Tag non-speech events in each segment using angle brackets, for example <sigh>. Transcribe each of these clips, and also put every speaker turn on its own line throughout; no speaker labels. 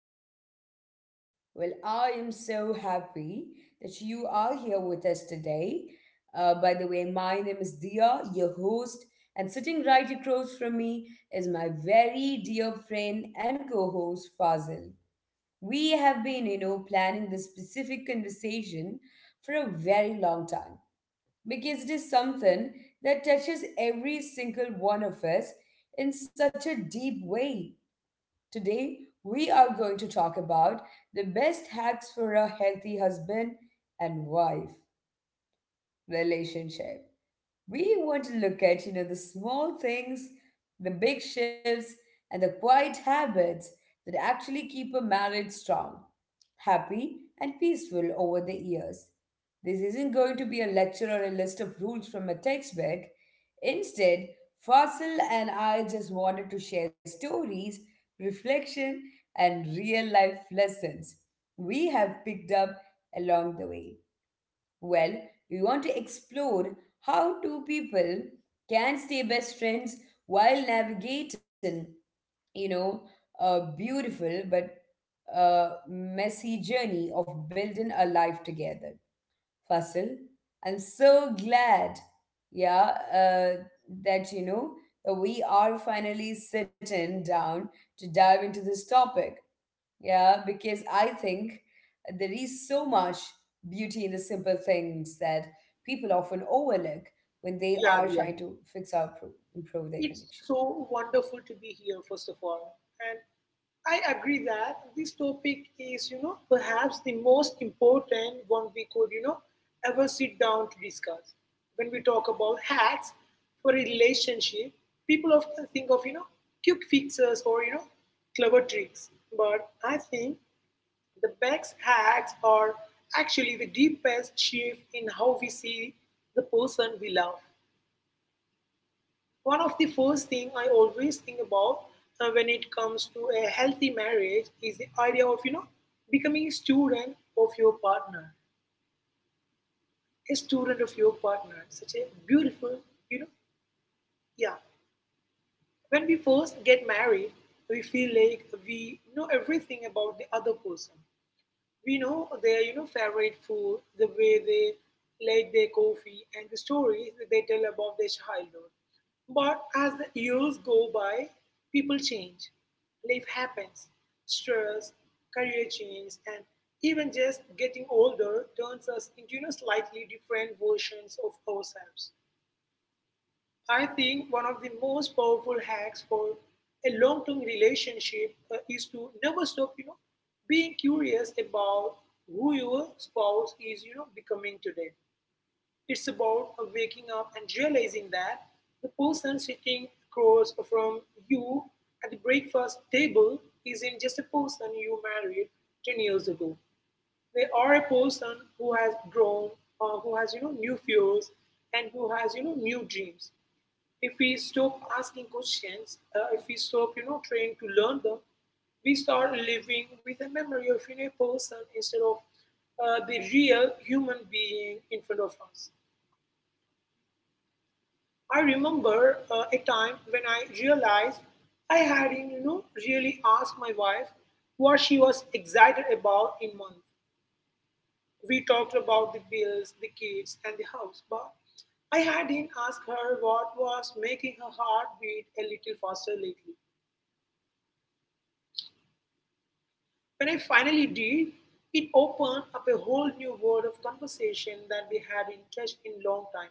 to our space. Well, I am so happy that you are here with us today. By the way, my name is Dia, your host, and sitting right across from me is my very dear friend and co host Fazil. We have been, planning this specific conversation for a very long time because it is something that touches every single one of us in such a deep way. Today, we are going to talk about the best hacks for a healthy husband and wife relationship. We want to look at, the small things, the big shifts, and the quiet habits that actually keep a marriage strong happy, and peaceful over the years. This isn't going to be a lecture or a list of rules from a textbook. Instead, Fasil and I just wanted to share stories, reflection, and real life lessons we have picked up along the way. Well, we want to explore how two people can stay best friends while navigating, you know, a beautiful but messy journey of building a life together. Fasil, I'm so glad, yeah, that you know that we are finally sitting down to dive into this topic yeah, because I think there is so much beauty in the simple things that people often overlook when they
Yeah,
are
yeah.
trying to improve their
It's
connection.
so wonderful to be here, first of all. And I agree that this topic is, perhaps the most important one we could, ever sit down to discuss. When we talk about hacks for a relationship, people often think of, quick fixes or, clever tricks. But I think the best hacks are actually the deepest shift in how we see the person we love. One of the first thing I always think about when it comes to a healthy marriage is the idea of becoming a student of your partner, a student of your partner. Such a beautiful, you know, yeah. When we first get married, we feel like we know everything about the other person. We know their favorite food, the way they like their coffee, and the stories that they tell about their childhood. But as the years go by, people change. Life happens. Stress, career change, and even just getting older turns us into slightly different versions of ourselves. I think one of the most powerful hacks for a long-term relationship is to never stop, being curious about who your spouse is, becoming today. It's about waking up and realizing that the person sitting across from you at the breakfast table isn't just a person you married 10 years ago. They are a person who has grown, who has, new fears and who has, new dreams. If we stop asking questions, if we stop, trying to learn them, we start living with a memory of a person instead of the real human being in front of us. I remember a time when I realized I hadn't, really asked my wife what she was excited about in month. We talked about the bills, the kids, and the house, but I hadn't asked her what was making her heart beat a little faster lately. When I finally did, it opened up a whole new world of conversation that we hadn't touched in a long time.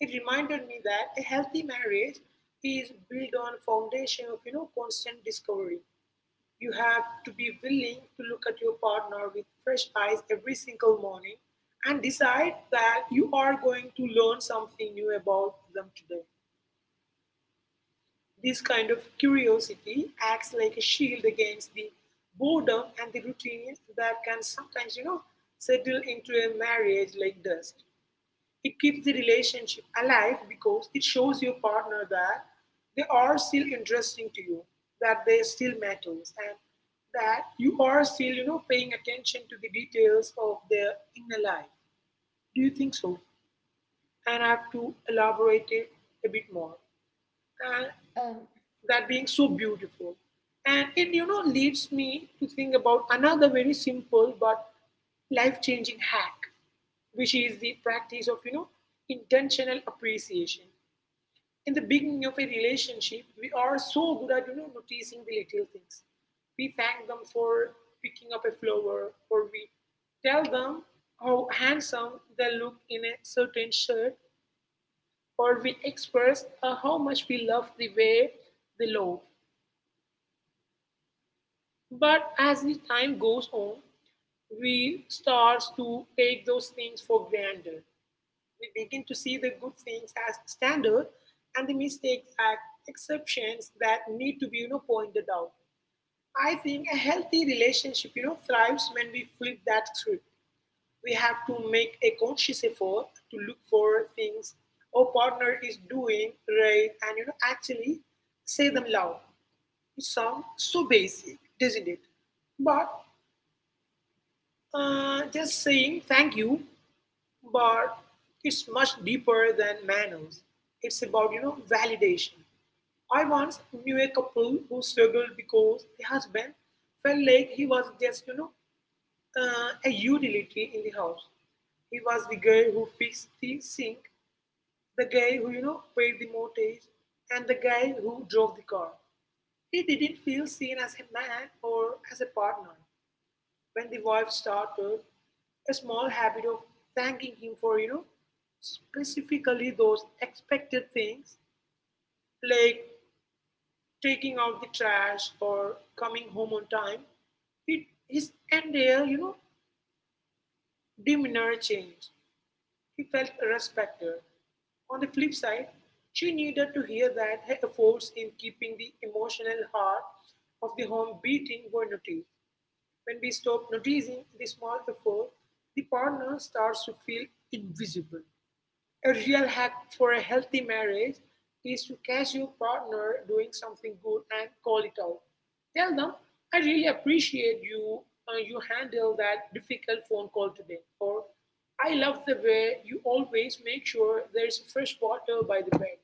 It reminded me that a healthy marriage is built on a foundation of constant discovery. You have to be willing to look at your partner with fresh eyes every single morning and decide that you are going to learn something new about them today. This kind of curiosity acts like a shield against the boredom and the routine that can sometimes, settle into a marriage like dust. It keeps the relationship alive because it shows your partner that they are still interesting to you, that they still matters, and that you are still, paying attention to the details of their inner life. Do you think so? And I have to elaborate it a bit more. And
Um,
that being so beautiful. And it, leads me to think about another very simple but life-changing hack, which is the practice of, intentional appreciation. In the beginning of a relationship, we are so good at, noticing the little things. We thank them for picking up a flower, or we tell them how handsome they look in a certain shirt, or we express how much we love the way they love. But as the time goes on, we starts to take those things for granted. We begin to see the good things as standard and the mistakes as exceptions that need to be pointed out. I think a healthy relationship thrives when we flip that script. We have to make a conscious effort to look for things our partner is doing right and actually say them loud. It sounds so basic, doesn't it? But Just saying thank you, but it's much deeper than manners. It's about, validation. I once knew a couple who struggled because the husband felt like he was just, a utility in the house. He was the guy who fixed the sink, the guy who, paid the mortgage, and the guy who drove the car. He didn't feel seen as a man or as a partner when the wife started a small habit of thanking him for, specifically those expected things like taking out the trash or coming home on time, it, his entire, demeanor changed. He felt respected. On the flip side, she needed to hear that her efforts in keeping the emotional heart of the home beating were noticed. When we stop noticing the small effort, the partner starts to feel invisible. A real hack for a healthy marriage is to catch your partner doing something good and call it out. Tell them, "I really appreciate you. You handle that difficult phone call today." Or, "I love the way you always make sure there's fresh water by the bed."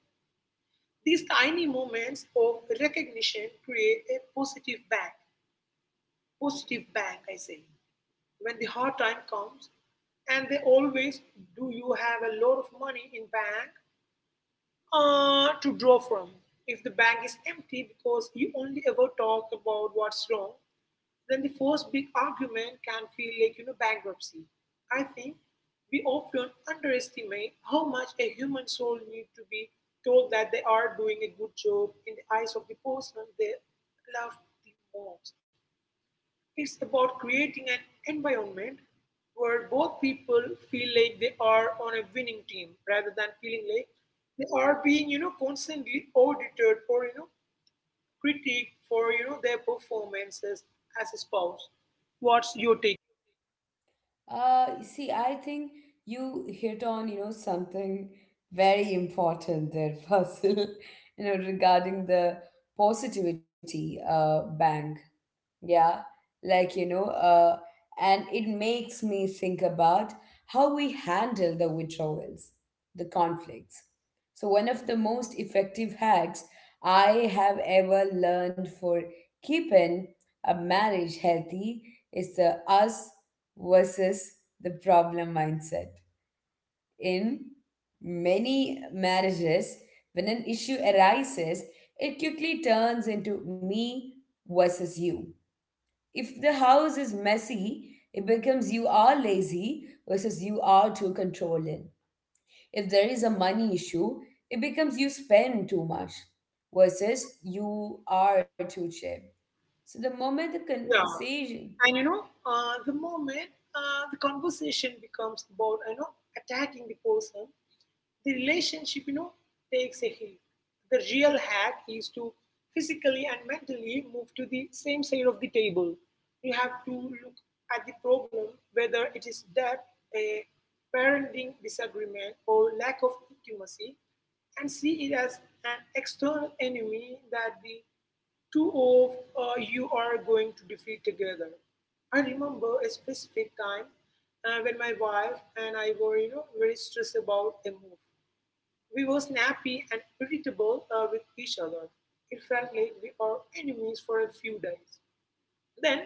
These tiny moments of recognition create a positive bank. Positive bank, I say. When the hard time comes, and they always do, you have a lot of money in bank to draw from. If the bank is empty because you only ever talk about what's wrong, then the first big argument can feel like bankruptcy. I think we often underestimate how much a human soul needs to be told that they are doing a good job in the eyes of the person they love the most. It's about creating an environment where both people feel like they are on a winning team rather than feeling like they are being, constantly audited or, critiqued for, their performances as a spouse. What's your take?
you see, I think you hit on, something very important there, <laughs> Fasil, regarding the positivity bank. Yeah, like, and it makes me think about how we handle the withdrawals, the conflicts. So, one of the most effective hacks I have ever learned for keeping a marriage healthy is the us versus the problem mindset. In many marriages, when an issue arises, it quickly turns into me versus you if the house is messy, it becomes you are lazy versus you are too controlling. If there is a money issue, it becomes you spend too much versus you are too cheap. So the moment the
Yeah,
conversation
and the moment the conversation becomes about attacking the person, the relationship takes a hit. The real hack is to physically and mentally move to the same side of the table. You have to look at the problem, whether it is debt, a parenting disagreement, or lack of intimacy, and see it as an external enemy that the two of you are going to defeat together. I remember a specific time when my wife and I were, very stressed about a move. We were snappy and irritable with each other. It felt like we are enemies for a few days. Then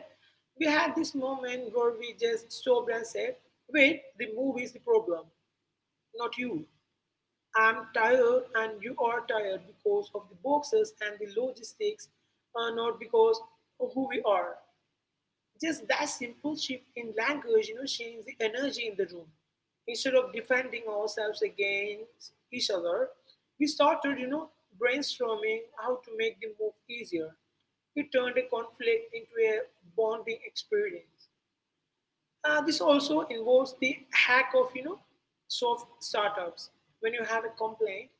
we had this moment where we just stopped and said, "Wait, the move is the problem, not you. I'm tired and you are tired because of the boxes and the logistics, not because of who we are." Just that simple shift in language, changes the energy in the room. Instead of defending ourselves against each other, we started, brainstorming how to make the move easier. We turned a conflict into a bonding experience. This also involves the hack of soft startups. When you have a complaint,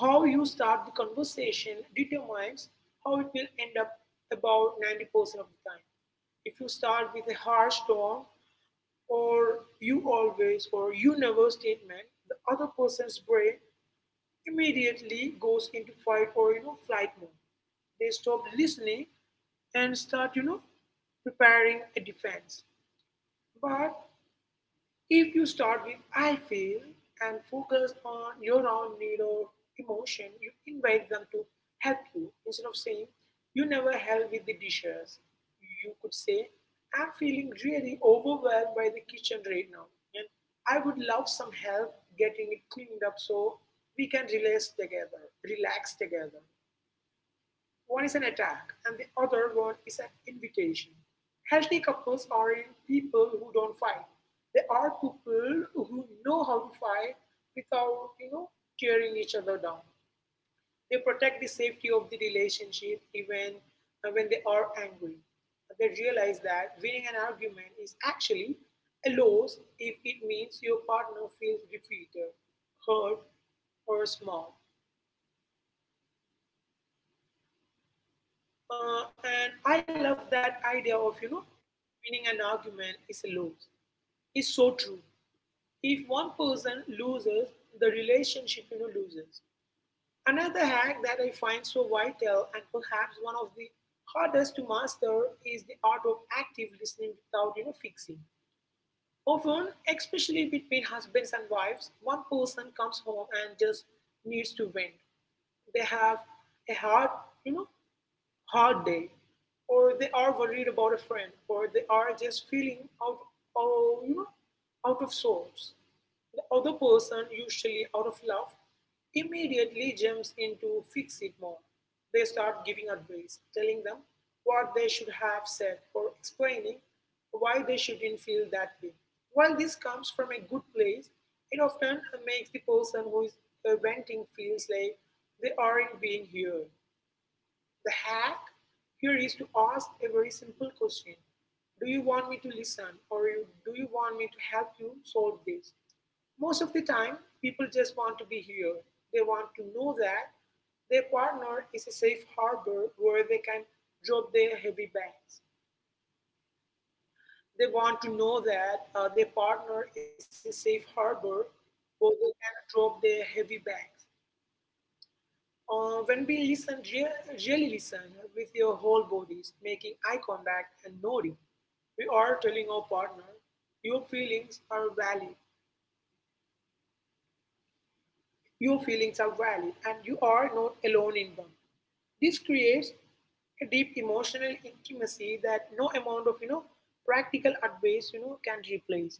how you start the conversation determines how it will end up about 90% of the time. If you start with a harsh tone or you always or you never statement, the other person's brain immediately goes into fight or flight mode. They stop listening and start preparing a defense. But if you start with "I feel" and focus on your own need or emotion, you invite them to help you. Instead of saying, "you never help with the dishes," you could say, "I'm feeling really overwhelmed by the kitchen right now. And I would love some help getting it cleaned up so we can relax together." Relax together. One is an attack, and the other one is an invitation. Healthy couples aren't people who don't fight. They are people who know how to fight without, tearing each other down. They protect the safety of the relationship even when they are angry. They realize that winning an argument is actually a loss if it means your partner feels defeated, hurt, or small. And I love that idea of, winning an argument is a loss. It's so true. If one person loses, the relationship, loses. Another hack that I find so vital and perhaps one of the hardest to master is the art of active listening without, fixing. Often, especially between husbands and wives, one person comes home and just needs to vent. They have a hard, you know, hard day, or they are worried about a friend, or they are just feeling out, oh, out of sorts. The other person, usually out of love, immediately jumps into fix it mode. They start giving advice, telling them what they should have said, or explaining why they shouldn't feel that way. While this comes from a good place, it often makes the person who is venting feels like they aren't being heard. The hack here is to ask a very simple question. Do you want me to listen do you want me to help you solve this? Most of the time, people just want to be here. They want to know that their partner is a safe harbor where they can drop their heavy bags. They want to know that their partner is a safe harbor where they can drop their heavy bags. When we listen, really listen with your whole bodies, making eye contact and nodding, we are telling our partner, your feelings are valid, your feelings are valid, and you are not alone in them. This creates a deep emotional intimacy that no amount of practical advice can replace.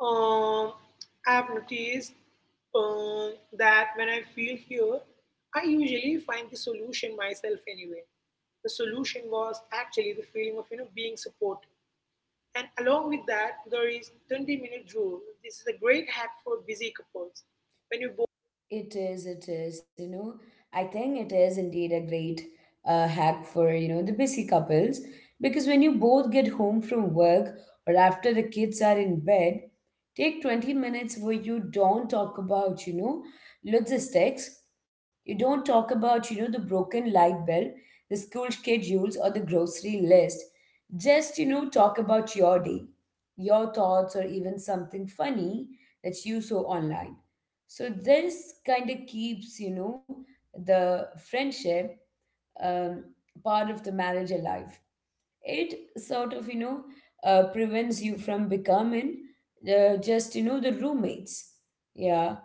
Um, I've noticed that when I feel here, I usually find the solution myself anyway. The solution was actually the feeling of being supported. And along with that, there is 20-minute rule. This is a great hack for busy couples. When you both
it is, you know. I think it is indeed a great hack for, the busy couples because when you both get home from work or after the kids are in bed, take 20 minutes where you don't talk about, logistics. You don't talk about, the broken light bill, the school schedules, or the grocery list. Just, talk about your day, your thoughts, or even something funny that you saw online. So this kind of keeps, the friendship um, part of the marriage alive. It sort of, prevents you from becoming the roommates. Yeah.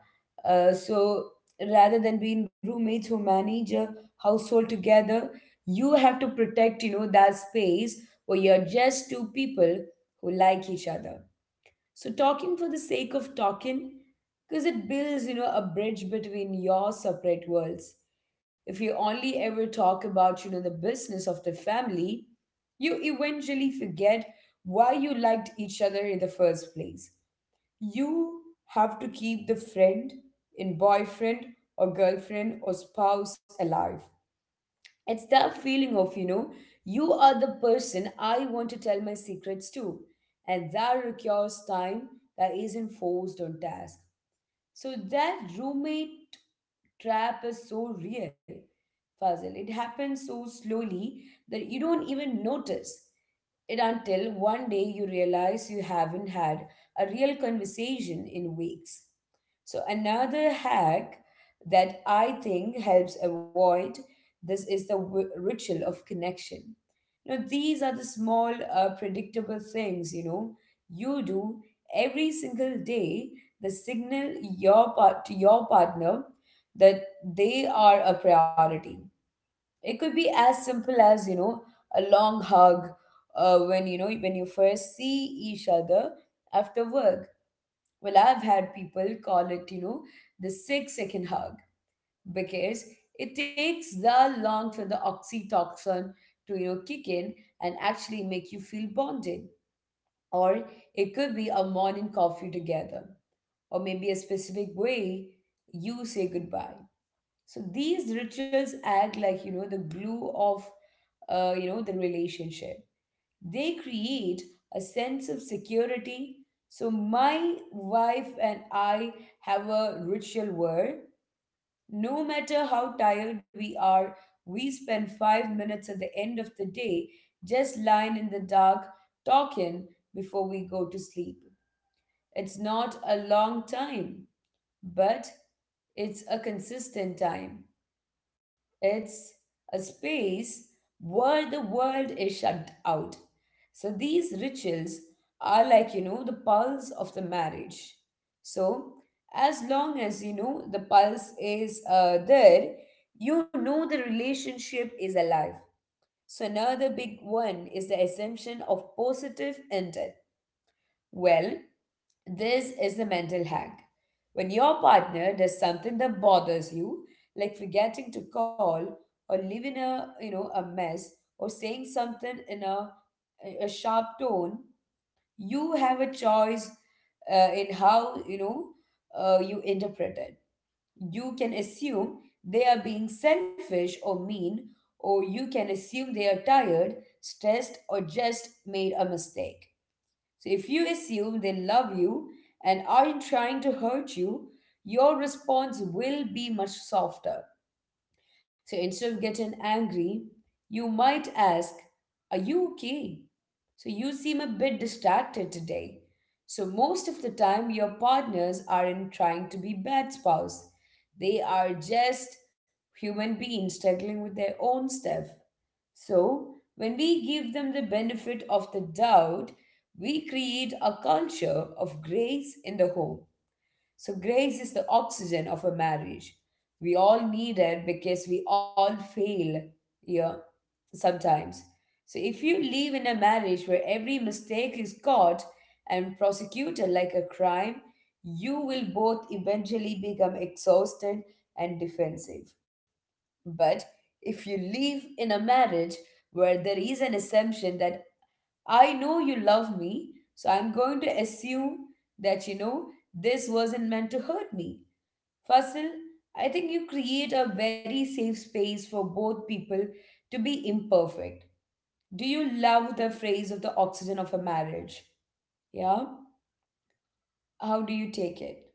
So rather than being roommates who manage a household together, you have to protect, that space where you're just two people who like each other. So talking for the sake of talking, because it builds, a bridge between your separate worlds. If you only ever talk about, the business of the family, you eventually forget why you liked each other in the first place. You have to keep the friend in boyfriend or girlfriend or spouse alive. It's that feeling of, you are the person I want to tell my secrets to. And that requires time that isn't forced on task. So that roommate trap is so real, Fazil. It happens so slowly that you don't even notice. It until one day you realize you haven't had a real conversation in weeks. So, another hack that I think helps avoid this is the ritual of connection. Now, these are the small, predictable things you know you do every single day that signal your part to your partner that they are a priority. It could be as simple as, a long hug when you first see each other after work. Well, I've had people call it, the 6-second hug because it takes that long for the oxytocin to, kick in and actually make you feel bonded. Or it could be a morning coffee together or maybe a specific way you say goodbye. So these rituals act like, the glue of, the relationship. They create a sense of security. So my wife and I have a ritual where no matter how tired we are, we spend 5 minutes at the end of the day just lying in the dark talking before we go to sleep. It's not a long time, but it's a consistent time it's a space where the world is shut out. So these rituals are like, the pulse of the marriage. So as long as, the pulse is there, you know the relationship is alive. So another big one is the assumption of positive intent. Well, this is the mental hack. When your partner does something that bothers you, like forgetting to call or leaving a you know a mess or saying something in a sharp tone, you have a choice in how you interpret it. You can assume they are being selfish or mean, or you can assume they are tired, stressed, or just made a mistake. So if you assume they love you and aren't trying to hurt you, your response will be much softer. So instead of getting angry, you might ask, are you okay? So you seem a bit distracted today. So most of the time, your partners aren't trying to be bad spouse. They are just human beings struggling with their own stuff. So, when we give them the benefit of the doubt, we create a culture of grace in the home. So, grace is the oxygen of a marriage. We all need it because we all fail here sometimes. So, if you live in a marriage where every mistake is caught and prosecuted like a crime, you will both eventually become exhausted and defensive. But if you live in a marriage where there is an assumption that I know you love me, so I'm going to assume that you know this wasn't meant to hurt me. Fasil, I think you create a very safe space for both people to be imperfect. Do you love the phrase of the oxygen of a marriage? Yeah? How do you take it?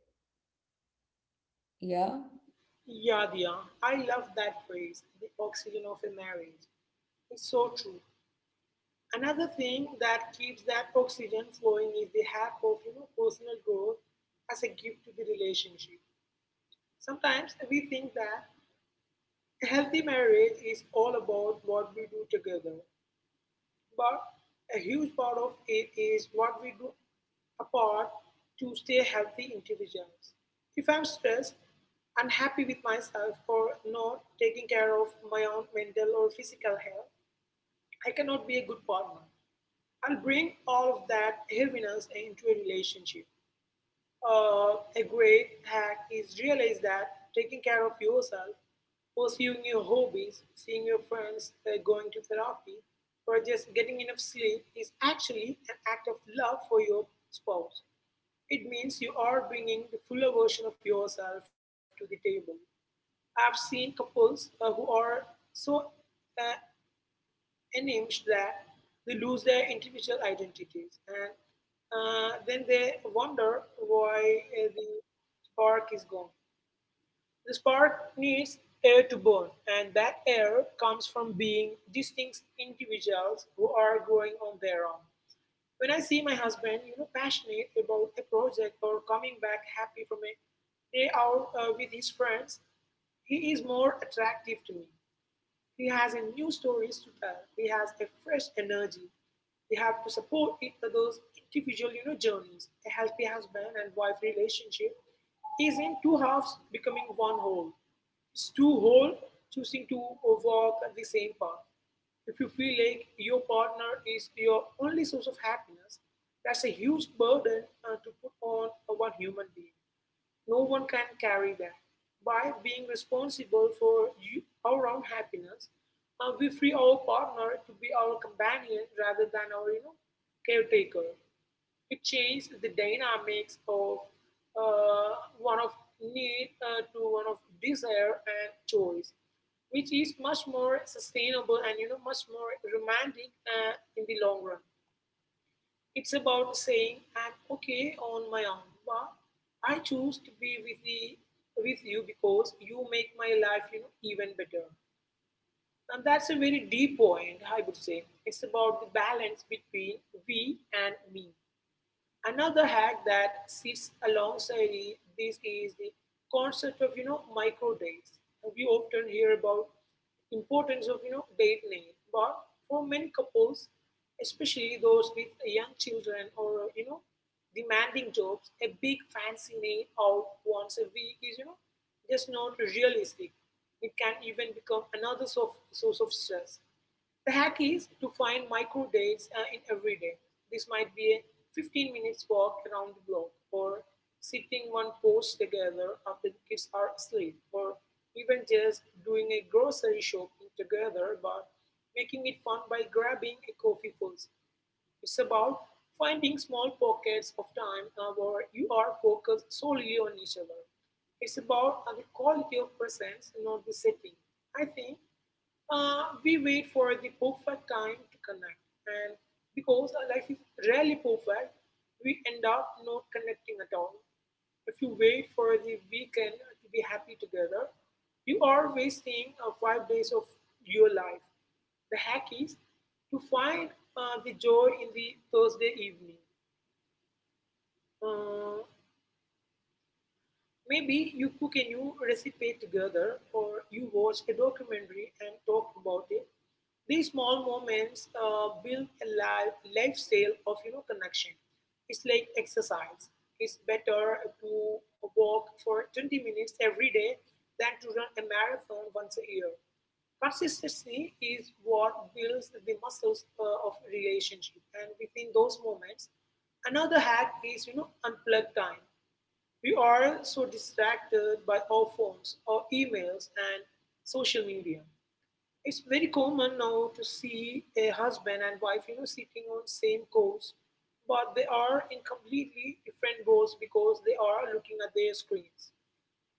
Yeah?
yeah, yeah, I love that phrase, the oxygen of a marriage. It's so true. Another thing that keeps that oxygen flowing is the hack of personal growth as a gift to the relationship. Sometimes we think that a healthy marriage is all about what we do together, but a huge part of it is what we do apart to stay healthy individuals. If I'm stressed, unhappy with myself, or not taking care of my own mental or physical health, I cannot be a good partner. I'll bring all of that heaviness into a relationship. A great hack is realize that taking care of yourself, pursuing your hobbies, seeing your friends, going to therapy, or just getting enough sleep is actually an act of love for your spouse. It means you are bringing the fuller version of yourself to the table. I've seen couples who are so uh, enemies that they lose their individual identities and then they wonder why the spark is gone. The spark needs air to burn, and that air comes from being distinct individuals who are growing on their own. When I see my husband, you know, passionate about a project or coming back happy from a day out with his friends, he is more attractive to me. He has a new stories to tell. He has a fresh energy. They have to support each other's individual, you know, journeys. A healthy husband and wife relationship is in two halves becoming one whole. It's two whole choosing to walk the same path. If you feel like your partner is your only source of happiness, that's a huge burden to put on a one human being. No one can carry them. By being responsible for our own happiness, we free our partner to be our companion rather than our, you know, caretaker. It changes the dynamics of uh, one of need to one of desire and choice, which is much more sustainable and, you know, much more romantic in the long run. It's about saying, I'm okay on my own, but I choose to be with the with you because you make my life, you know, even better. And that's a very deep point, I would say. It's about the balance between we and me. Another hack that sits alongside this is the concept of micro days. We often hear about importance of date night, but for many couples, especially those with young children or demanding jobs, a big fancy night out once a week is, you know, just not realistic. It can even become another source of stress. The hack is to find micro dates in every day. This might be a 15 minutes walk around the block, or sitting one post together after the kids are asleep, or even just doing a grocery shopping together but making it fun by grabbing a coffee first. It's about finding small pockets of time where you are focused solely on each other. It's about the quality of presence, not the setting. I think we wait for the perfect time to connect, and because our life is rarely perfect, we end up not connecting at all. If you wait for the weekend to be happy together, you are wasting 5 days of your life. The hack is to find the joy in the Thursday evening. Uh, Maybe you cook a new recipe together or you watch a documentary and talk about it. These small moments build a lifestyle of, you know, connection. It's like exercise. It's better to walk for 20 minutes every day than to run a marathon once a year. Consistency is what builds the muscles of relationship, and within those moments, another hack is, you know, unplug time. We are so distracted by our phones, our emails, and social media. It's very common now to see a husband and wife, you know, sitting on same course, but they are in completely different goals because they are looking at their screens.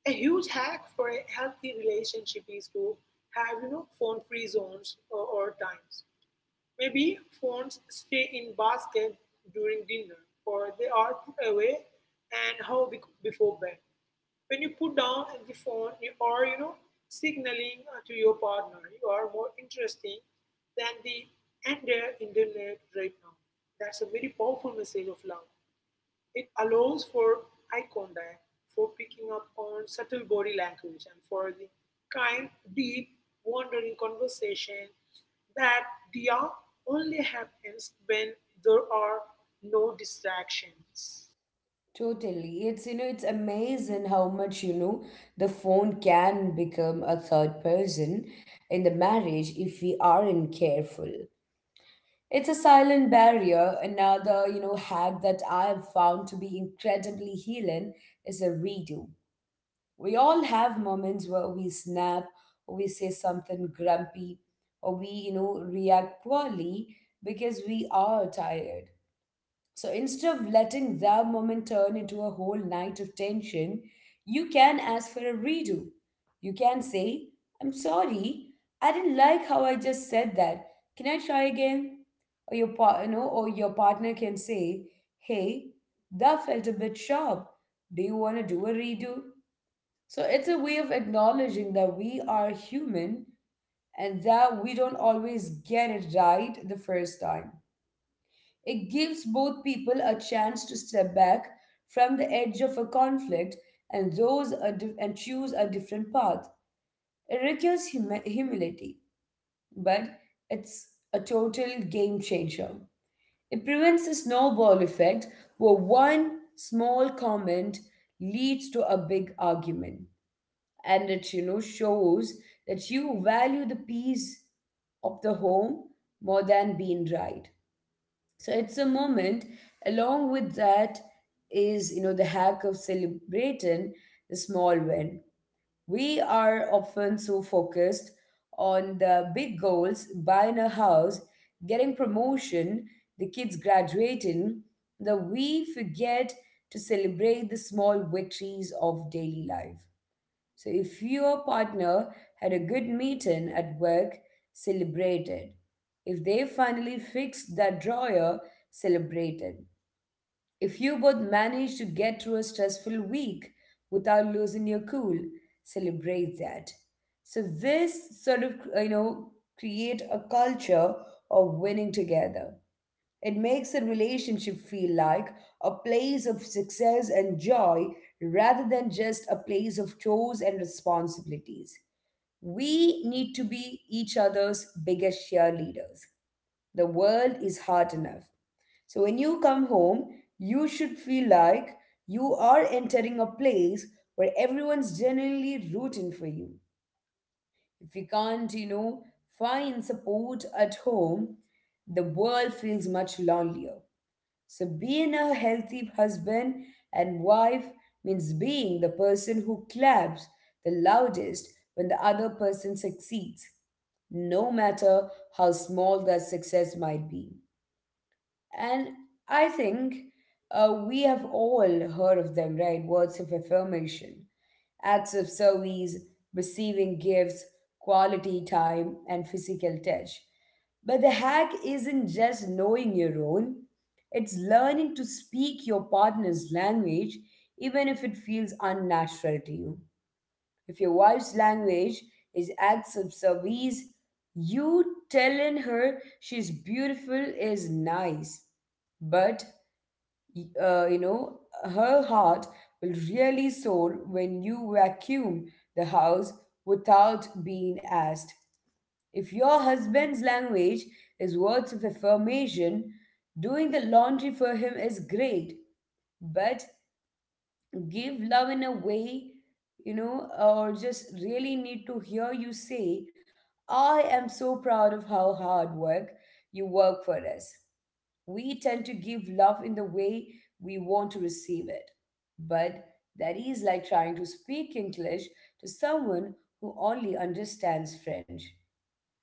A huge hack for a healthy relationship is to have, you know, phone-free zones or times. Maybe phones stay in basket during dinner, or they are put away before bed. When you put down the phone, you are, you know, signaling to your partner you are more interesting than the entire internet right now. That's a very powerful message of love. It allows for eye contact, for picking up on subtle body language, and for the kind, deep, wandering conversation that they only happens when there are no distractions.
Totally. It's, it's amazing how much, the phone can become a third person in the marriage if we aren't careful. It's a silent barrier. Another, hack that I've found to be incredibly healing is a redo. We all have moments where we snap or we say something grumpy or we, react poorly because we are tired. So instead of letting that moment turn into a whole night of tension, you can ask for a redo. You can say, I'm sorry, I didn't like how I just said that. Can I try again? Or your or your partner can say, hey, that felt a bit sharp. Do you want to do a redo? So it's a way of acknowledging that we are human and that we don't always get it right the first time. It gives both people a chance to step back from the edge of a conflict and and choose a different path. It requires humility, but it's a total game changer. It prevents the snowball effect where one small comment leads to a big argument and it you know shows that you value the peace of the home more than being right so it's a moment. Along with that is, the hack of celebrating the small win. We are often so focused on the big goals, buying a house, getting promotion, the kids graduating, that we forget to celebrate the small victories of daily life. So if your partner had a good meeting at work, celebrate it. If they finally fixed that drawer, celebrate it. If you both managed to get through a stressful week without losing your cool, celebrate that. So this sort of you know create a culture of winning together. It makes a relationship feel like a place of success and joy rather than just a place of chores and responsibilities. We need to be each other's biggest cheerleaders. The world is hard enough. So when you come home, you should feel like you are entering a place where everyone's genuinely rooting for you. If you can't, find support at home, the world feels much lonelier. So, being a healthy husband and wife means being the person who claps the loudest when the other person succeeds, no matter how small that success might be. And I think we have all heard of them, right? Words of affirmation, acts of service, receiving gifts, quality time, and physical touch. But the hack isn't just knowing your own, it's learning to speak your partner's language even if it feels unnatural to you. If your wife's language is acts of service, you telling her she's beautiful is nice, but you know her heart will really soar when you vacuum the house without being asked. If your husband's language is words of affirmation, doing the laundry for him is great, but give love in a way, you know, or just really need to hear you say, I am so proud of how hard work you work for us. We tend to give love in the way we want to receive it. But that is like trying to speak English to someone who only understands French.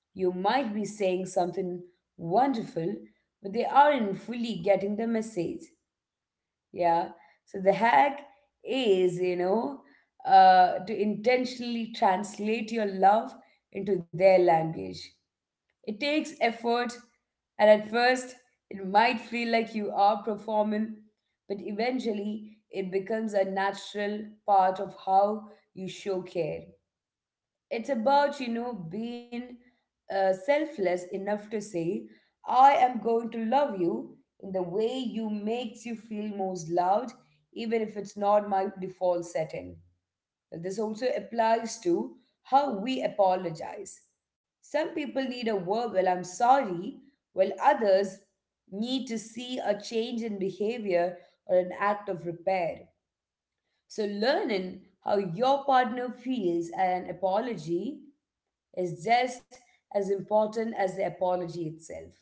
You might be saying something wonderful, but they aren't fully getting the message. Yeah. So the hack is, you know, to intentionally translate your love into their language. It takes effort, and at first, it might feel like you are performing, but eventually, it becomes a natural part of how you show care. It's about, you know, being selfless enough to say, I am going to love you in the way you makes you feel most loved, even if it's not my default setting. This also applies to how we apologize. Some people need a verbal I'm sorry, while others need to see a change in behavior or an act of repair. So, learning how your partner feels an apology is just as important as the apology itself.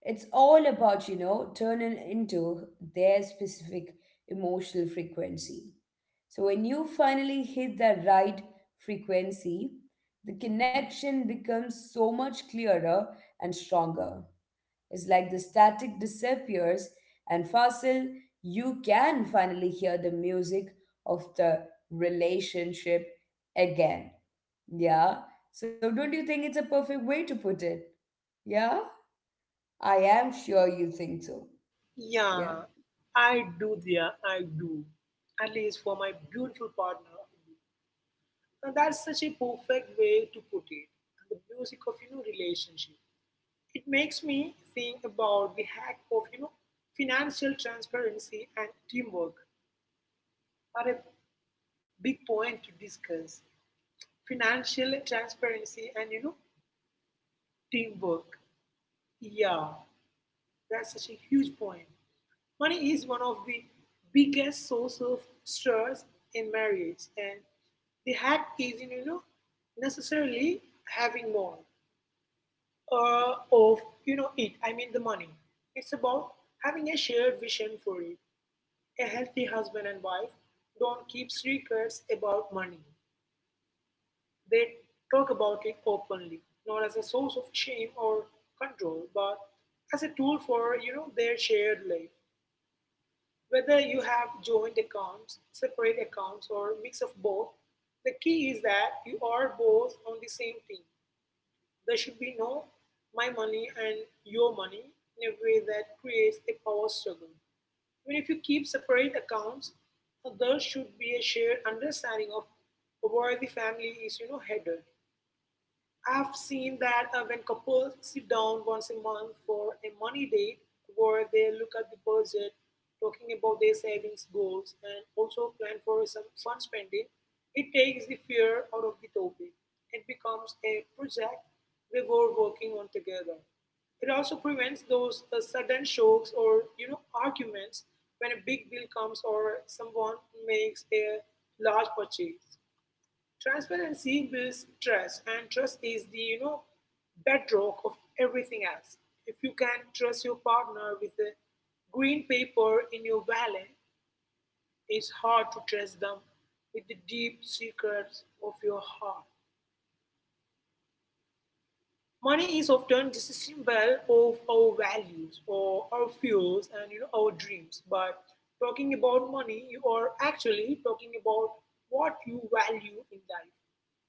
It's all about, you know, turning into their specific emotional frequency. So when you finally hit the right frequency, the connection becomes so much clearer and stronger. It's like the static disappears and facile, you can finally hear the music of the relationship again. Yeah. So don't you think it's a perfect way to put it? Yeah? I am sure you think so. Yeah.
Yeah, I do, dear, I do. At least for my beautiful partner. I do. Now that's such a perfect way to put it. And the music of, you know, relationship. It makes me think about the hack of, you know, financial transparency and teamwork are a big point to discuss. Financial transparency and, you know, teamwork. Yeah, that's such a huge point. Money is one of the biggest source of stress in marriage, and the hack is not, you know, necessarily having more of, you know, it. I mean the money. It's about having a shared vision for it. A healthy husband and wife don't keep secrets about money. They talk about it openly, not as a source of shame or control, but as a tool for, you know, their shared life. Whether you have joint accounts, separate accounts, or mix of both, the key is that you are both on the same team. There should be no my money and your money in a way that creates a power struggle. Even if you keep separate accounts, there should be a shared understanding of where the family is, you know, headed. I've seen that when couples sit down once a month for a money date where they look at the budget, talking about their savings goals, and also plan for some fun spending, it takes the fear out of the topic. It becomes a project we were working on together. It also prevents those sudden shocks or, you know, arguments when a big bill comes or someone makes a large purchase. Transparency builds trust, and trust is the, you know, bedrock of everything else. If you can trust your partner with the green paper in your wallet, it's hard to trust them with the deep secrets of your heart. Money is often just a symbol of our values or our fears and, you know, our dreams. But talking about money, you are actually talking about what you value in life,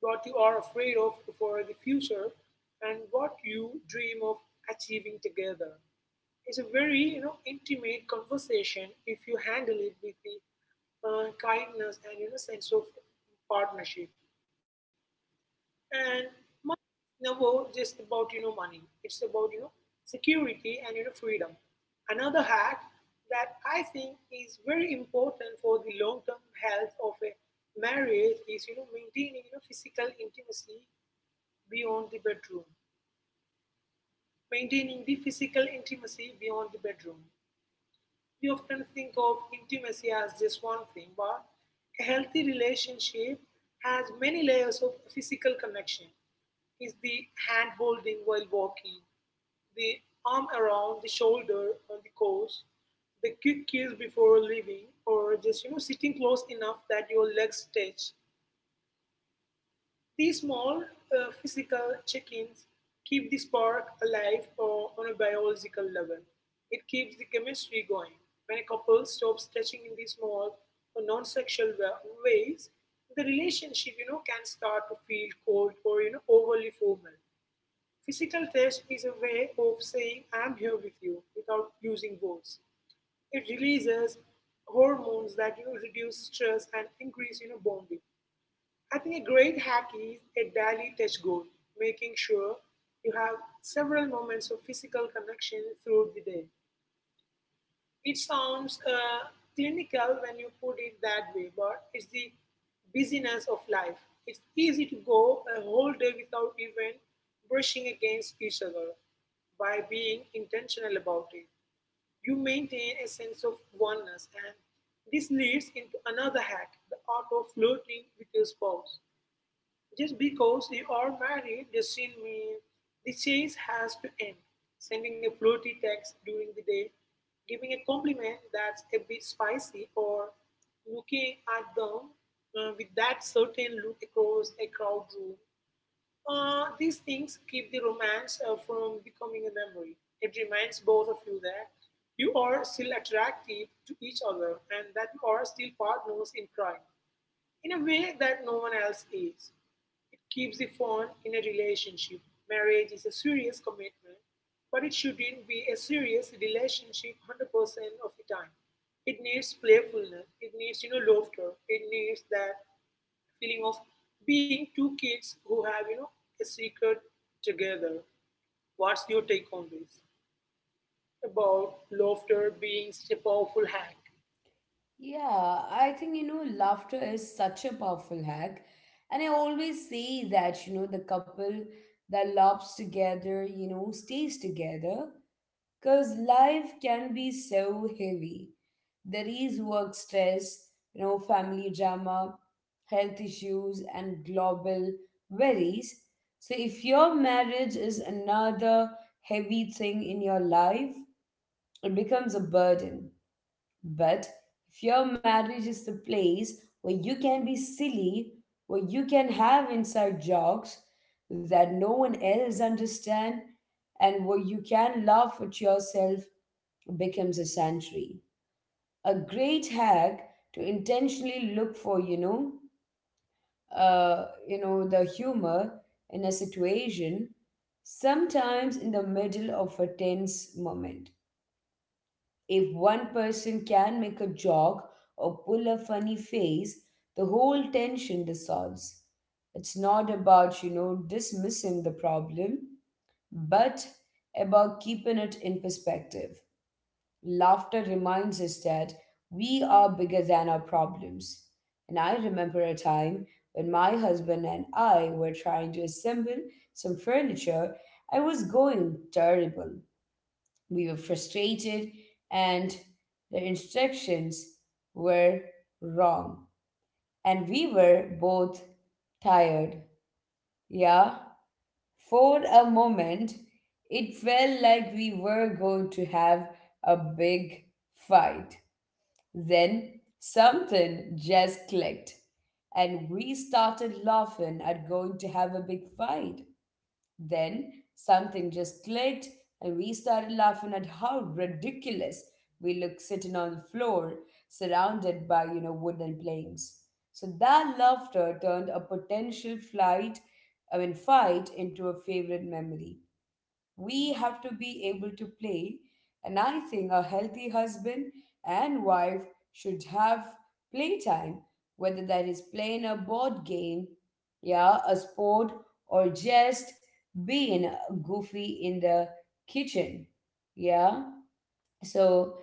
what you are afraid of for the future, and what you dream of achieving together. It's a very, you know, intimate conversation if you handle it with the kindness and, you know, sense of partnership. And money is never just about, you know, money. It's about, you know, security and, you know, freedom. Another hack that I think is very important for the long-term health of a marriage is, you know, maintaining, you know, physical intimacy beyond the bedroom. Maintaining the physical intimacy beyond the bedroom. We often think of intimacy as just one thing, but a healthy relationship has many layers of physical connection. Is the hand holding while walking, the arm around the shoulder on the couch, the quick kiss before leaving, or just, you know, sitting close enough that your legs touch these small physical check ins keep the spark alive or on a biological level. It keeps the chemistry going. When a couple stops touching in these small or non sexual ways, the relationship, you know, can start to feel cold or, you know, overly formal. Physical touch is a way of saying I'm here with you without using words. It releases hormones that reduce stress and increase bonding. I think a great hack is a daily touch goal, making sure you have several moments of physical connection throughout the day. It sounds clinical when you put it that way, but it's the busyness of life. It's easy to go a whole day without even brushing against each other. By being intentional about it, you maintain a sense of oneness, and this leads into another hack, the art of flirting with your spouse. Just because you are married doesn't mean the chase has to end. Sending a flirty text during the day, giving a compliment that's a bit spicy, or looking at them with that certain look across a crowd room. These things keep the romance from becoming a memory. It reminds both of you that you are still attractive to each other and that you are still partners in crime in a way that no one else is. It keeps the phone in a relationship. Marriage is a serious commitment, but it shouldn't be a serious relationship 100% of the time. It needs playfulness, it needs, laughter, it needs that feeling of being two kids who have, a secret together. What's your take on this? About laughter being such a powerful hack.
Yeah, I think, you know, laughter is such a powerful hack. And I always say that, you know, the couple that laughs together, you know, stays together. Because life can be so heavy. There is work stress, you know, family drama, health issues, and global worries. So, if your marriage is another heavy thing in your life, it becomes a burden. But if your marriage is the place where you can be silly, where you can have inside jokes that no one else understand, and where you can laugh at yourself becomes a sanctuary. A great hack to intentionally look for, you know, the humor in a situation, sometimes in the middle of a tense moment. If one person can make a joke or pull a funny face, the whole tension dissolves. It's not about, you know, dismissing the problem, but about keeping it in perspective. Laughter reminds us that we are bigger than our problems. And I remember a time when my husband and I were trying to assemble some furniture. I was going terrible. We were frustrated, and the instructions were wrong. And we were both tired. Yeah. For a moment, it felt like we were going to have a big fight. Then something just clicked, and we started laughing at going to have a big fight. Then something just clicked, and we started laughing at how ridiculous we looked sitting on the floor, surrounded by, you know, wooden planks. So that laughter turned a potential flight, I mean, fight into a favorite memory. We have to be able to play, and I think a healthy husband and wife should have playtime, whether that is playing a board game, yeah, a sport, or just being goofy in the kitchen. Yeah, so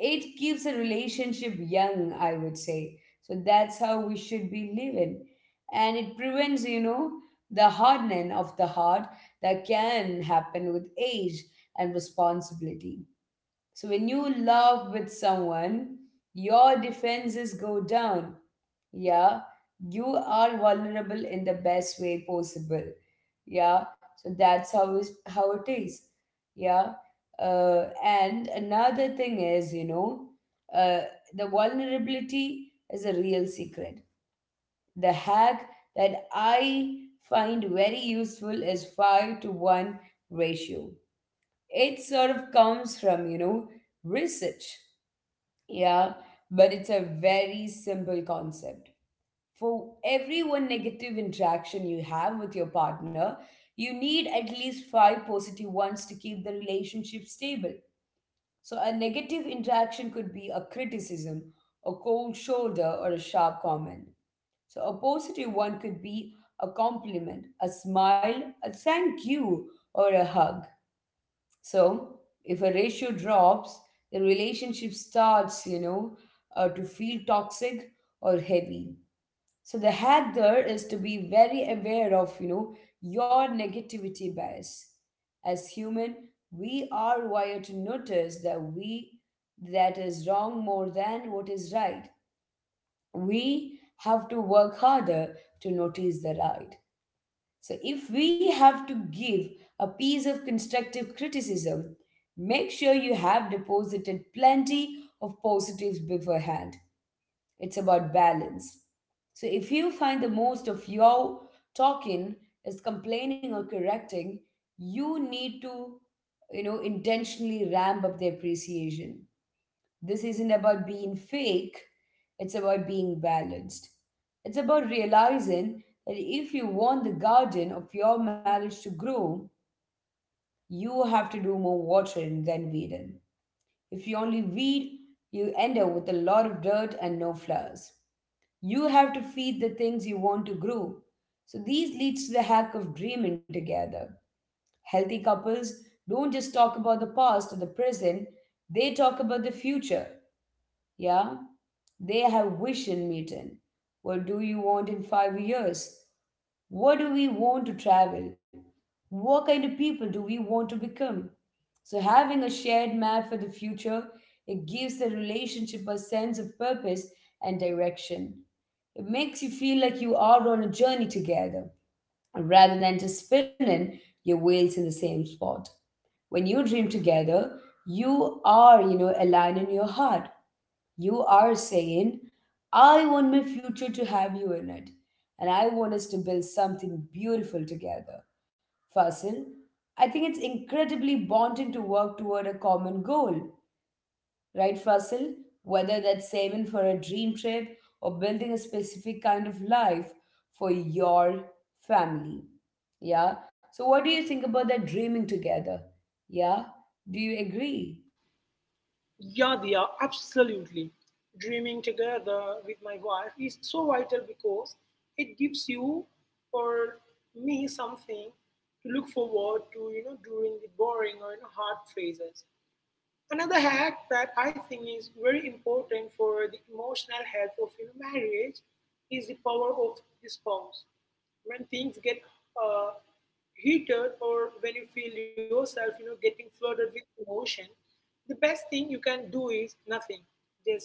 it keeps a relationship young, I would say. So that's how we should be living. And it prevents, you know, the hardening of the heart that can happen with age and responsibility. So when you love with someone, your defenses go down, yeah, you are vulnerable in the best way possible, yeah, so that's how is how it is. Yeah. And another thing is, you know, uh, the vulnerability is a real secret. The hack that I find very useful is 5 to 1 ratio. It sort of comes from, you know, research. Yeah. But it's a very simple concept. For every one negative interaction you have with your partner, you need at least 5 positive ones to keep the relationship stable. So, a negative interaction could be a criticism, a cold shoulder, or a sharp comment. So, a positive one could be a compliment, a smile, a thank you, or a hug. So, if a ratio drops, the relationship starts, you know, to feel toxic or heavy. So the hack there is to be very aware of, you know, your negativity bias. As human, we are wired to notice that is wrong more than what is right. We have to work harder to notice the right. So if we have to give a piece of constructive criticism, make sure you have deposited plenty of positives beforehand. It's about balance. So if you find the most of your talking is complaining or correcting, you need to, you know, intentionally ramp up the appreciation. This isn't about being fake, it's about being balanced. It's about realizing that if you want the garden of your marriage to grow, you have to do more watering than weeding. If you only weed, you end up with a lot of dirt and no flowers. You have to feed the things you want to grow. So these leads to the hack of dreaming together. Healthy couples don't just talk about the past or the present, they talk about the future. Yeah? They have vision meeting. What do you want in 5 years? What do we want to travel? What kind of people do we want to become? So having a shared map for the future, it gives the relationship a sense of purpose and direction. It makes you feel like you are on a journey together rather than just spinning your wheels in the same spot. When you dream together, you are, you know, aligning your heart. You are saying, I want my future to have you in it, and I want us to build something beautiful together. Fasil, I think it's incredibly bonding to work toward a common goal, right, Fasil? Whether that's saving for a dream trip or building a specific kind of life for your family. Yeah. So, what do you think about that dreaming together? Yeah. Do you agree?
Yeah, Diya, absolutely. Dreaming together with my wife is so vital because it gives you or me something to look forward to, during the boring or hard phases. Another hack that I think is very important for the emotional health of your marriage is the power of the spouse. When things get uh, heated or when you feel yourself, getting flooded with emotion, the best thing you can do is nothing. Just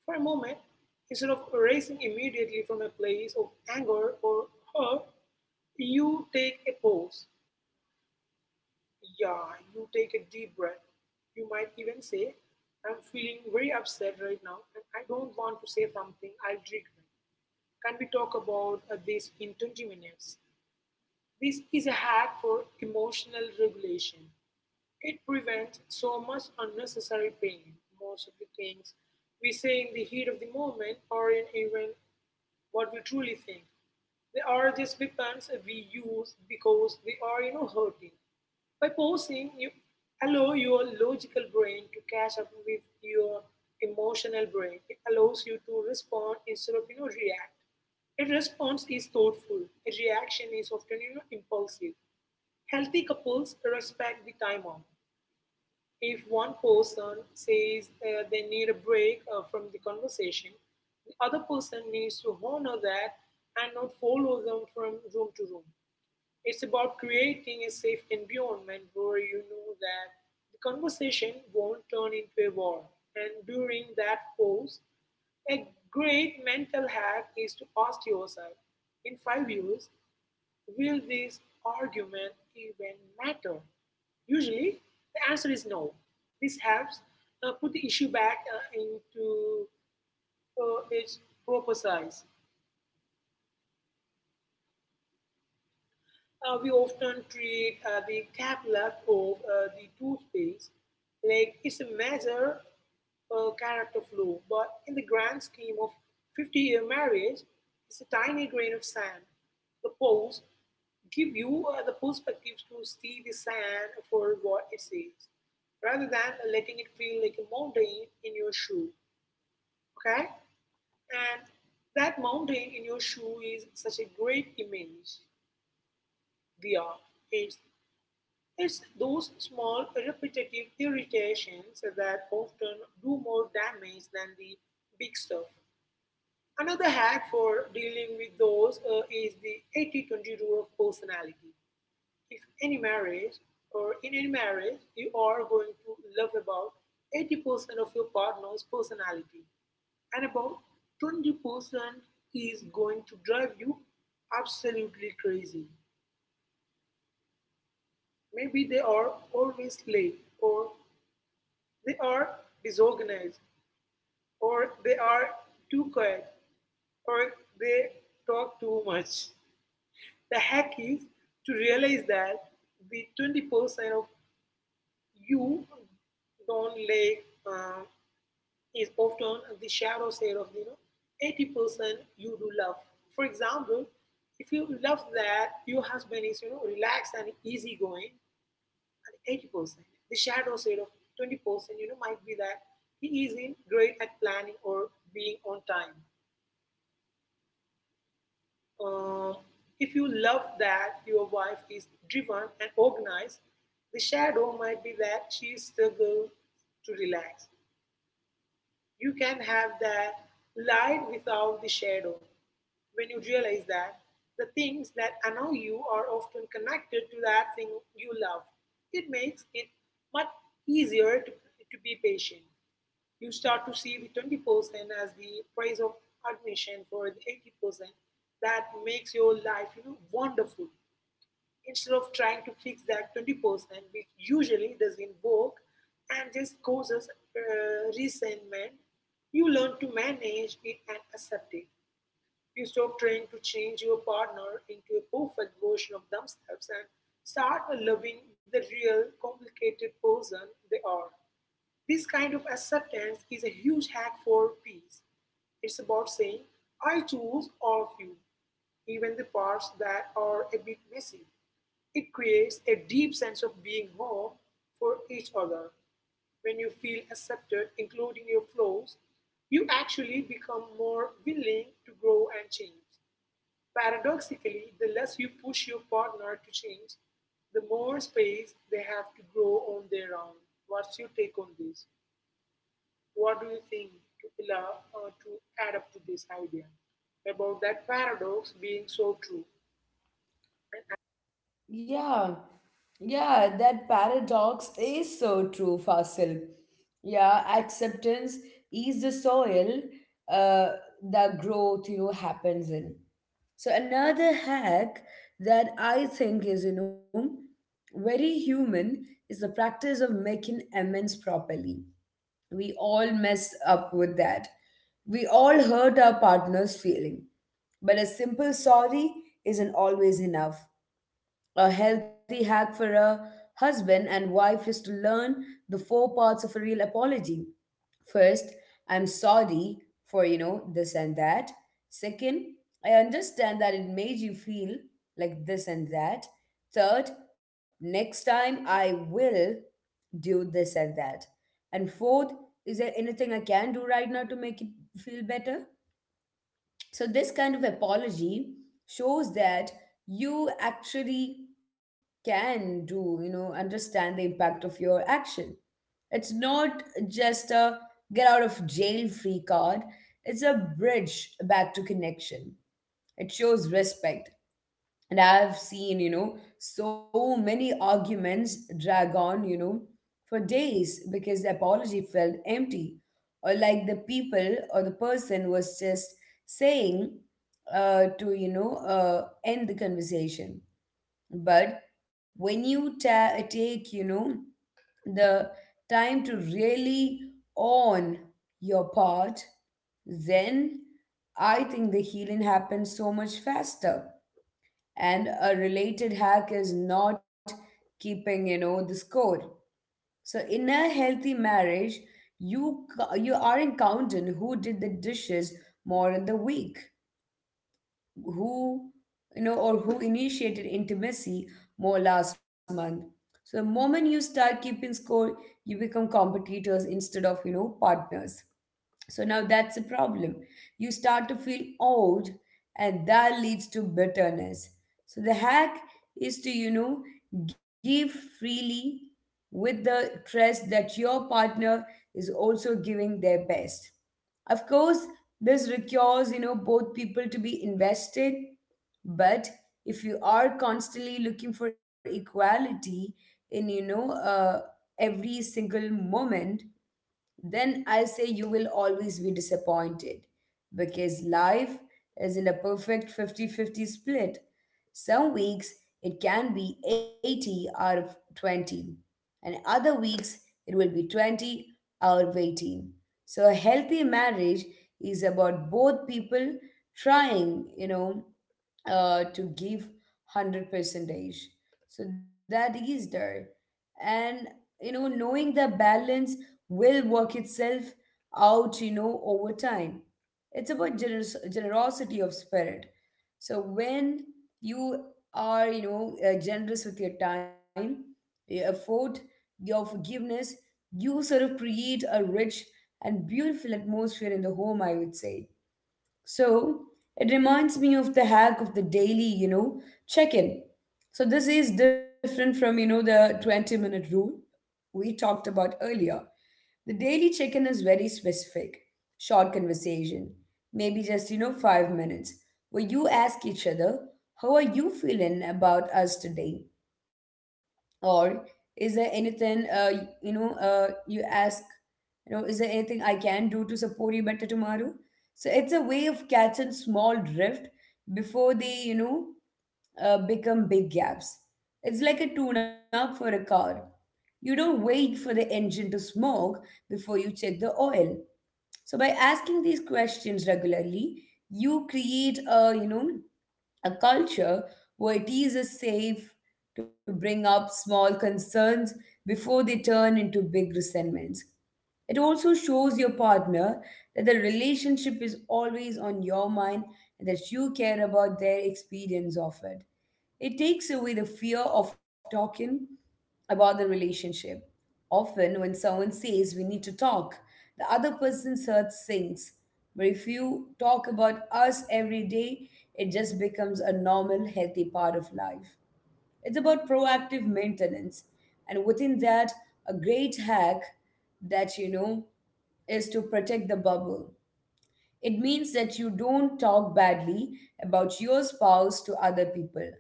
for a moment, instead of racing immediately from a place of anger or hurt, you take a pause, yeah, you take a deep breath. You might even say, I'm feeling very upset right now and I don't want to say something I regret. Can we talk about this in 20 minutes? This is a hack for emotional regulation. It prevents so much unnecessary pain. Most of the things we say in the heat of the moment aren't even what we truly think. They are just weapons we use because they are, hurting. By pausing, you allow your logical brain to catch up with your emotional brain. It allows you to respond instead of, react. A response is thoughtful. A reaction is often, impulsive. Healthy couples respect the timeout. If one person says they need a break from the conversation, the other person needs to honor that and not follow them from room to room. It's about creating a safe environment where you know that the conversation won't turn into a war. And during that pause, a great mental hack is to ask yourself, in 5 years, will this argument even matter? Usually, the answer is no. This helps put the issue back into its proper size. We often treat the cap left of the toothpaste like it's a major character flaw, but in the grand scheme of 50-year marriage, it's a tiny grain of sand. The pose give you the perspective to see the sand for what it is, rather than letting it feel like a mountain in your shoe. Okay? And that mountain in your shoe is such a great image. The art. It's those small repetitive irritations that often do more damage than the big stuff. Another hack for dealing with those is the 80/20 rule of personality. If any marriage or in any marriage you are going to love about 80% of your partner's personality and about 20% is going to drive you absolutely crazy. Maybe they are always late or they are disorganized, or they are too quiet, or they talk too much. The hack is to realize that the 20% of you don't like is often the shadow side of 80% you do love. For example, if you love that your husband is relaxed and easygoing, and 80%. The shadow side of 20%, might be that he is in great at planning or being on time. Um, if you love that your wife is driven and organized, the shadow might be that she struggles to relax. You can have that light without the shadow. When you realize that the things that annoy you are often connected to that thing you love, it makes it much easier to, be patient. You start to see the 20% as the price of admission for the 80% that makes your life, wonderful. Instead of trying to fix that 20%, which usually doesn't work and just causes resentment, you learn to manage it and accept it. You stop trying to change your partner into a perfect version of themselves and start loving the real, complicated person they are. This kind of acceptance is a huge hack for peace. It's about saying, I choose all of you, even the parts that are a bit messy. It creates a deep sense of being home for each other. When you feel accepted, including your flaws, you actually become more willing to grow and change. Paradoxically, the less you push your partner to change, the more space they have to grow on their own. What's your take on this? What do you think to allow to add up to this idea about that paradox being so true? And as-
Yeah, yeah, that paradox is so true, Fasil. Yeah, acceptance is the soil uh, that growth, you know, happens in. So another hack that I think is, you know, very human is the practice of making amends properly. We all mess up with that. We all hurt our partner's feeling, but a simple sorry isn't always enough. A healthy hack for a husband and wife is to learn the 4 parts of a real apology. First, I'm sorry for, you know, this and that. Second, I understand that it made you feel like this and that. Third, next time I will do this and that. And fourth, is there anything I can do right now to make it feel better? So, this kind of apology shows that you actually you know, understand the impact of your action. It's not just a get out of jail free card, it's a bridge back to connection. It shows respect, and I've seen, you know, so many arguments drag on, you know, for days because the apology felt empty. Or like the people or the person was just saying to, you know, end the conversation. But when you take, you know, the time to really own your part, then I think the healing happens so much faster. And a related hack is not keeping, you know, the score. So in a healthy marriage you you aren't counting who did the dishes more in the week, who, you know, or who initiated intimacy more last month. So the moment you start keeping score, you become competitors instead of, you know, partners. So now that's a problem. You start to feel old, and that leads to bitterness. So the hack is to, you know, give freely with the trust that your partner is also giving their best. Of course, this requires, you know, both people to be invested, but if you are constantly looking for equality in, you know, every single moment, then I'll say you will always be disappointed because life isn't a perfect 50-50 split. Some weeks it can be 80 out of 20, and other weeks it will be 20 out of 18. So, a healthy marriage is about both people trying, you know, to give 100 percentage. So, that is there and knowing the balance will work itself out, over time. It's about generosity of spirit. So when you are generous with your time, your effort, your forgiveness, you sort of create a rich and beautiful atmosphere in the home, I would say. So it reminds me of the hack of the daily, check in. So this is different from, the 20-minute rule we talked about earlier. The daily check in is very specific, short conversation, maybe just, 5 minutes, where you ask each other, how are you feeling about us today? Or is there anything you ask, is there anything I can do to support you better tomorrow? So it's a way of catching small drift before they become big gaps. It's like a tune up for a car. You don't wait for the engine to smoke before you check the oil. So by asking these questions regularly, you create a, a culture where it is safe to bring up small concerns before they turn into big resentments. It also shows your partner that the relationship is always on your mind and that you care about their experience of it. It takes away the fear of talking about the relationship. Often, when someone says we need to talk, the other person's heart sinks. But if you talk about us every day, it just becomes a normal, healthy part of life. It's about proactive maintenance. And within that, a great hack that you know is to protect the bubble. It means that you don't talk badly about your spouse to other people,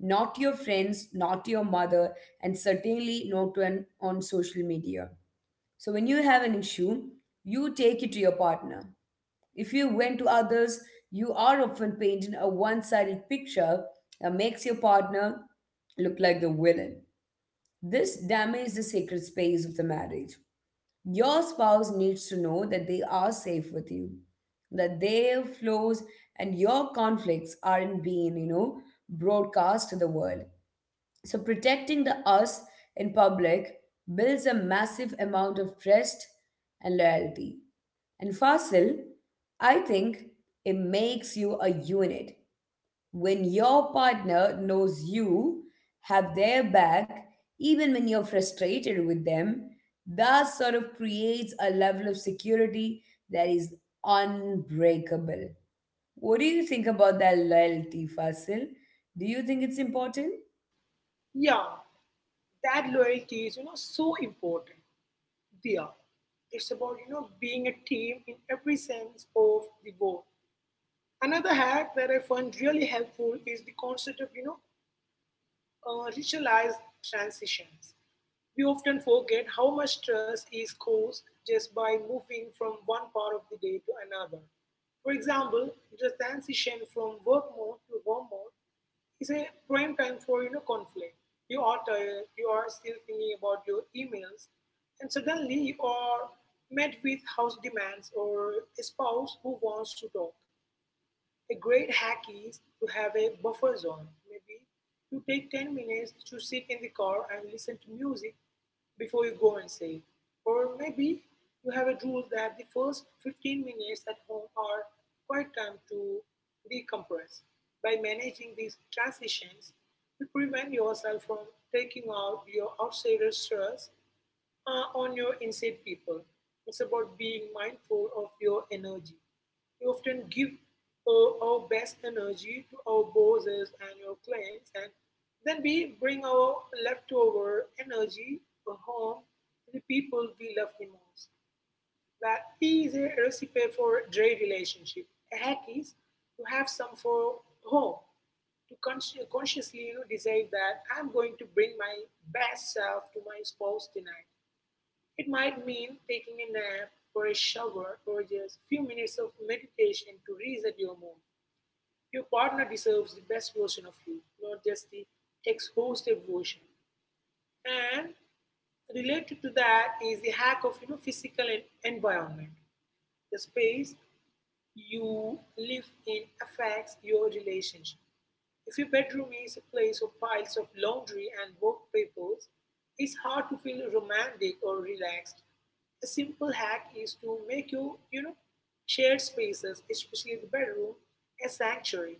not to your friends, not to your mother, and certainly not to an, on social media. So when you have an issue, you take it to your partner. If you vent to others, you are often painting a one sided picture that makes your partner look like the villain. This damages the sacred space of the marriage. Your spouse needs to know that they are safe with you, that their flaws and your conflicts aren't being, broadcast to the world. So protecting the us in public builds a massive amount of trust and loyalty. And Fasil, I think it makes you a unit. When your partner knows you have their back, even when you're frustrated with them, that sort of creates a level of security that is unbreakable. What do you think about that loyalty, Fasil? Do you think it's important?
Yeah, that loyalty is, so important. We are. It's about being a team in every sense of the word. Another hack that I find really helpful is the concept of ritualized transitions. We often forget how much stress is caused just by moving from one part of the day to another. For example, the transition from work mode to home mode is a prime time for conflict. You are tired, you are still thinking about your emails, and suddenly you are met with house demands or a spouse who wants to talk. A great hack is to have a buffer zone. Maybe you take 10 minutes to sit in the car and listen to music before you go and inside. Or maybe you have a rule that the first 15 minutes at home are quite time to decompress. By managing these transitions, you prevent yourself from taking out your outsider stress on your inside people. It's about being mindful of your energy. We often give our best energy to our bosses and your clients, and then we bring our leftover energy home to the people we love the most. That is a recipe for dry relationship. A hack is to have some for home, to consciously decide that I'm going to bring my best self to my spouse tonight. It might mean taking a nap or a shower or just a few minutes of meditation to reset your mood. Your partner deserves the best version of you, not just the exhausted version. And related to that is the hack of physical environment, the space you live in affects your relationship. If your bedroom is a place of piles of laundry and work papers, it's hard to feel romantic or relaxed. A simple hack is to make your, shared spaces, especially the bedroom, a sanctuary.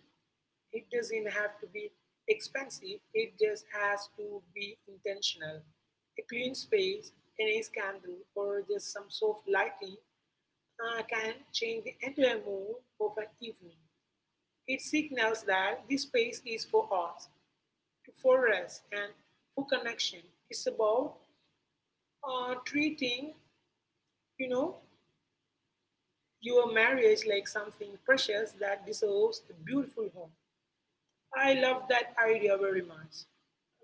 It doesn't have to be expensive, it just has to be intentional. A clean space, a nice candle, or just some soft lighting can change the entire mood of an evening. It signals that this space is for us, for rest, and for connection. It's about treating, you know, your marriage like something precious that deserves a beautiful home. I love that idea very much.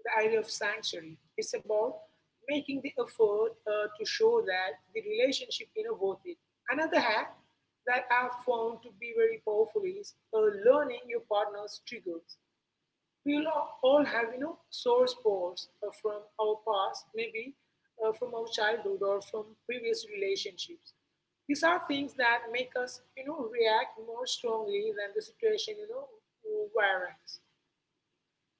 The idea of sanctuary. It's about making the effort to show that the relationship you know worth it. Another hack that I've found to be very powerful is learning your partner's triggers. We will all have sore spots from our past, maybe from our childhood or from previous relationships. These are things that make us react more strongly than the situation warrants.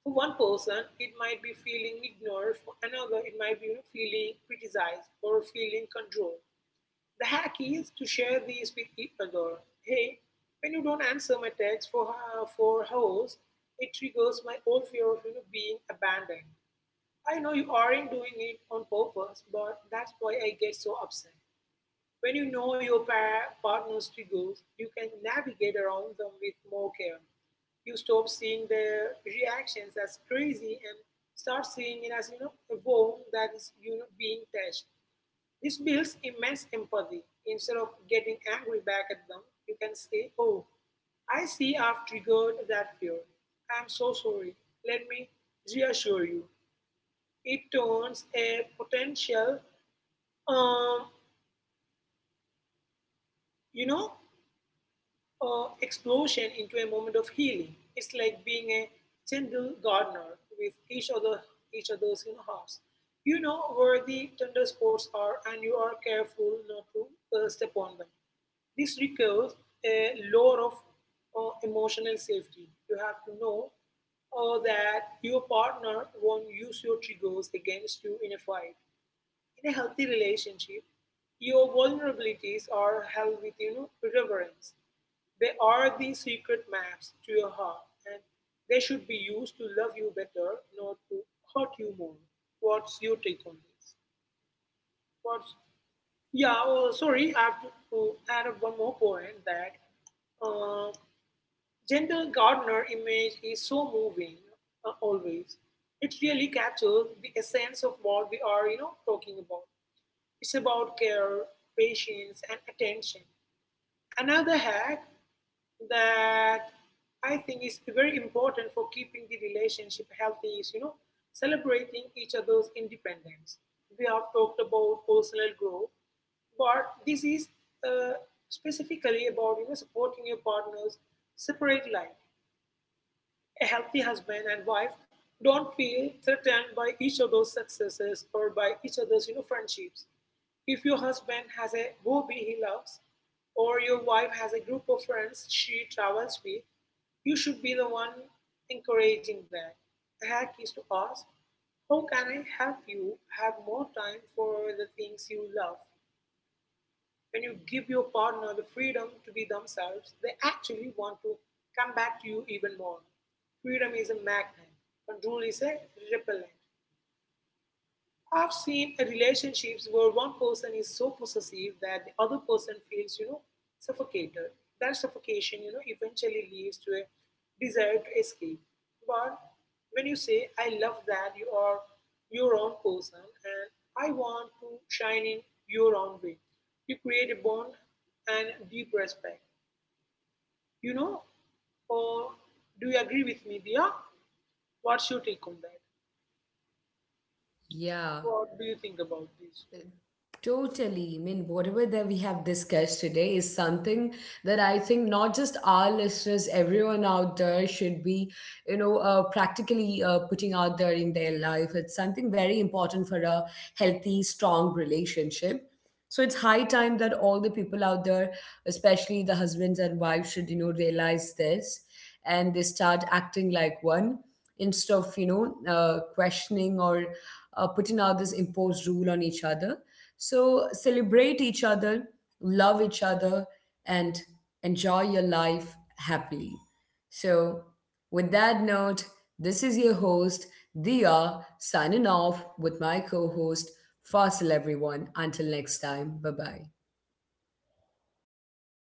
For one person, it might be feeling ignored. For another, it might be, feeling criticized or feeling controlled. The hack is to share these with each other. Hey, when you don't answer my text for hours, it triggers my old fear of, being abandoned. I know you aren't doing it on purpose, but that's why I get so upset. When you know your partner's triggers, you can navigate around them with more care. You stop seeing their reactions as crazy and start seeing it as a bone that is being touched. This builds immense empathy. Instead of getting angry back at them, you can say, "Oh, I see I've triggered that fear. I'm so sorry. Let me reassure you." It turns a potential, um, you know, explosion into a moment of healing. It's like being a gentle gardener with each other, each other's hearts. You know where the tender spots are, and you are careful not to step on them. This requires a lot of emotional safety. You have to know that your partner won't use your triggers against you in a fight. In a healthy relationship, your vulnerabilities are held with reverence. They are the secret maps to your heart, and they should be used to love you better, not to hurt you more. What's your take on this? What's yeah, oh, Sorry, I have to add up one more point, that uh, Gentle Gardner image is so moving always. It really captures the essence of what we are, talking about. It's about care, patience, and attention. Another hack that I think is very important for keeping the relationship healthy is, celebrating each other's independence. We have talked about personal growth, but this is uh, specifically about, supporting your partner's separate life. A healthy husband and wife don't feel threatened by each other's successes or by each other's, friendships. If your husband has a hobby he loves, or your wife has a group of friends she travels with, you should be the one encouraging that. The hack is to ask, how can I help you have more time for the things you love? When you give your partner the freedom to be themselves, they actually want to come back to you even more. Freedom is a magnet, control is a repellent. I've seen the relationships where one person is so possessive that the other person feels, suffocated. That suffocation, eventually leads to a desire to escape. But when you say, I love that you are your own person and I want to shine in your own way, you create a bond and deep respect. You know, or do you agree with me, Dia? What's your take on that?
Yeah,
What do you think about this?
totally. I mean, whatever that we have discussed today is something that I think not just our listeners, everyone out there should be, practically putting out there in their life. It's something very important for a healthy, strong relationship. So it's high time that all the people out there, especially the husbands and wives, should, you know, realize this and they start acting like one instead of, questioning or putting out this imposed rule on each other. So celebrate each other, love each other, and enjoy your life happily. So, with that note, this is your host, Dia, signing off with my co host, Fasil, everyone. Until next time, bye bye.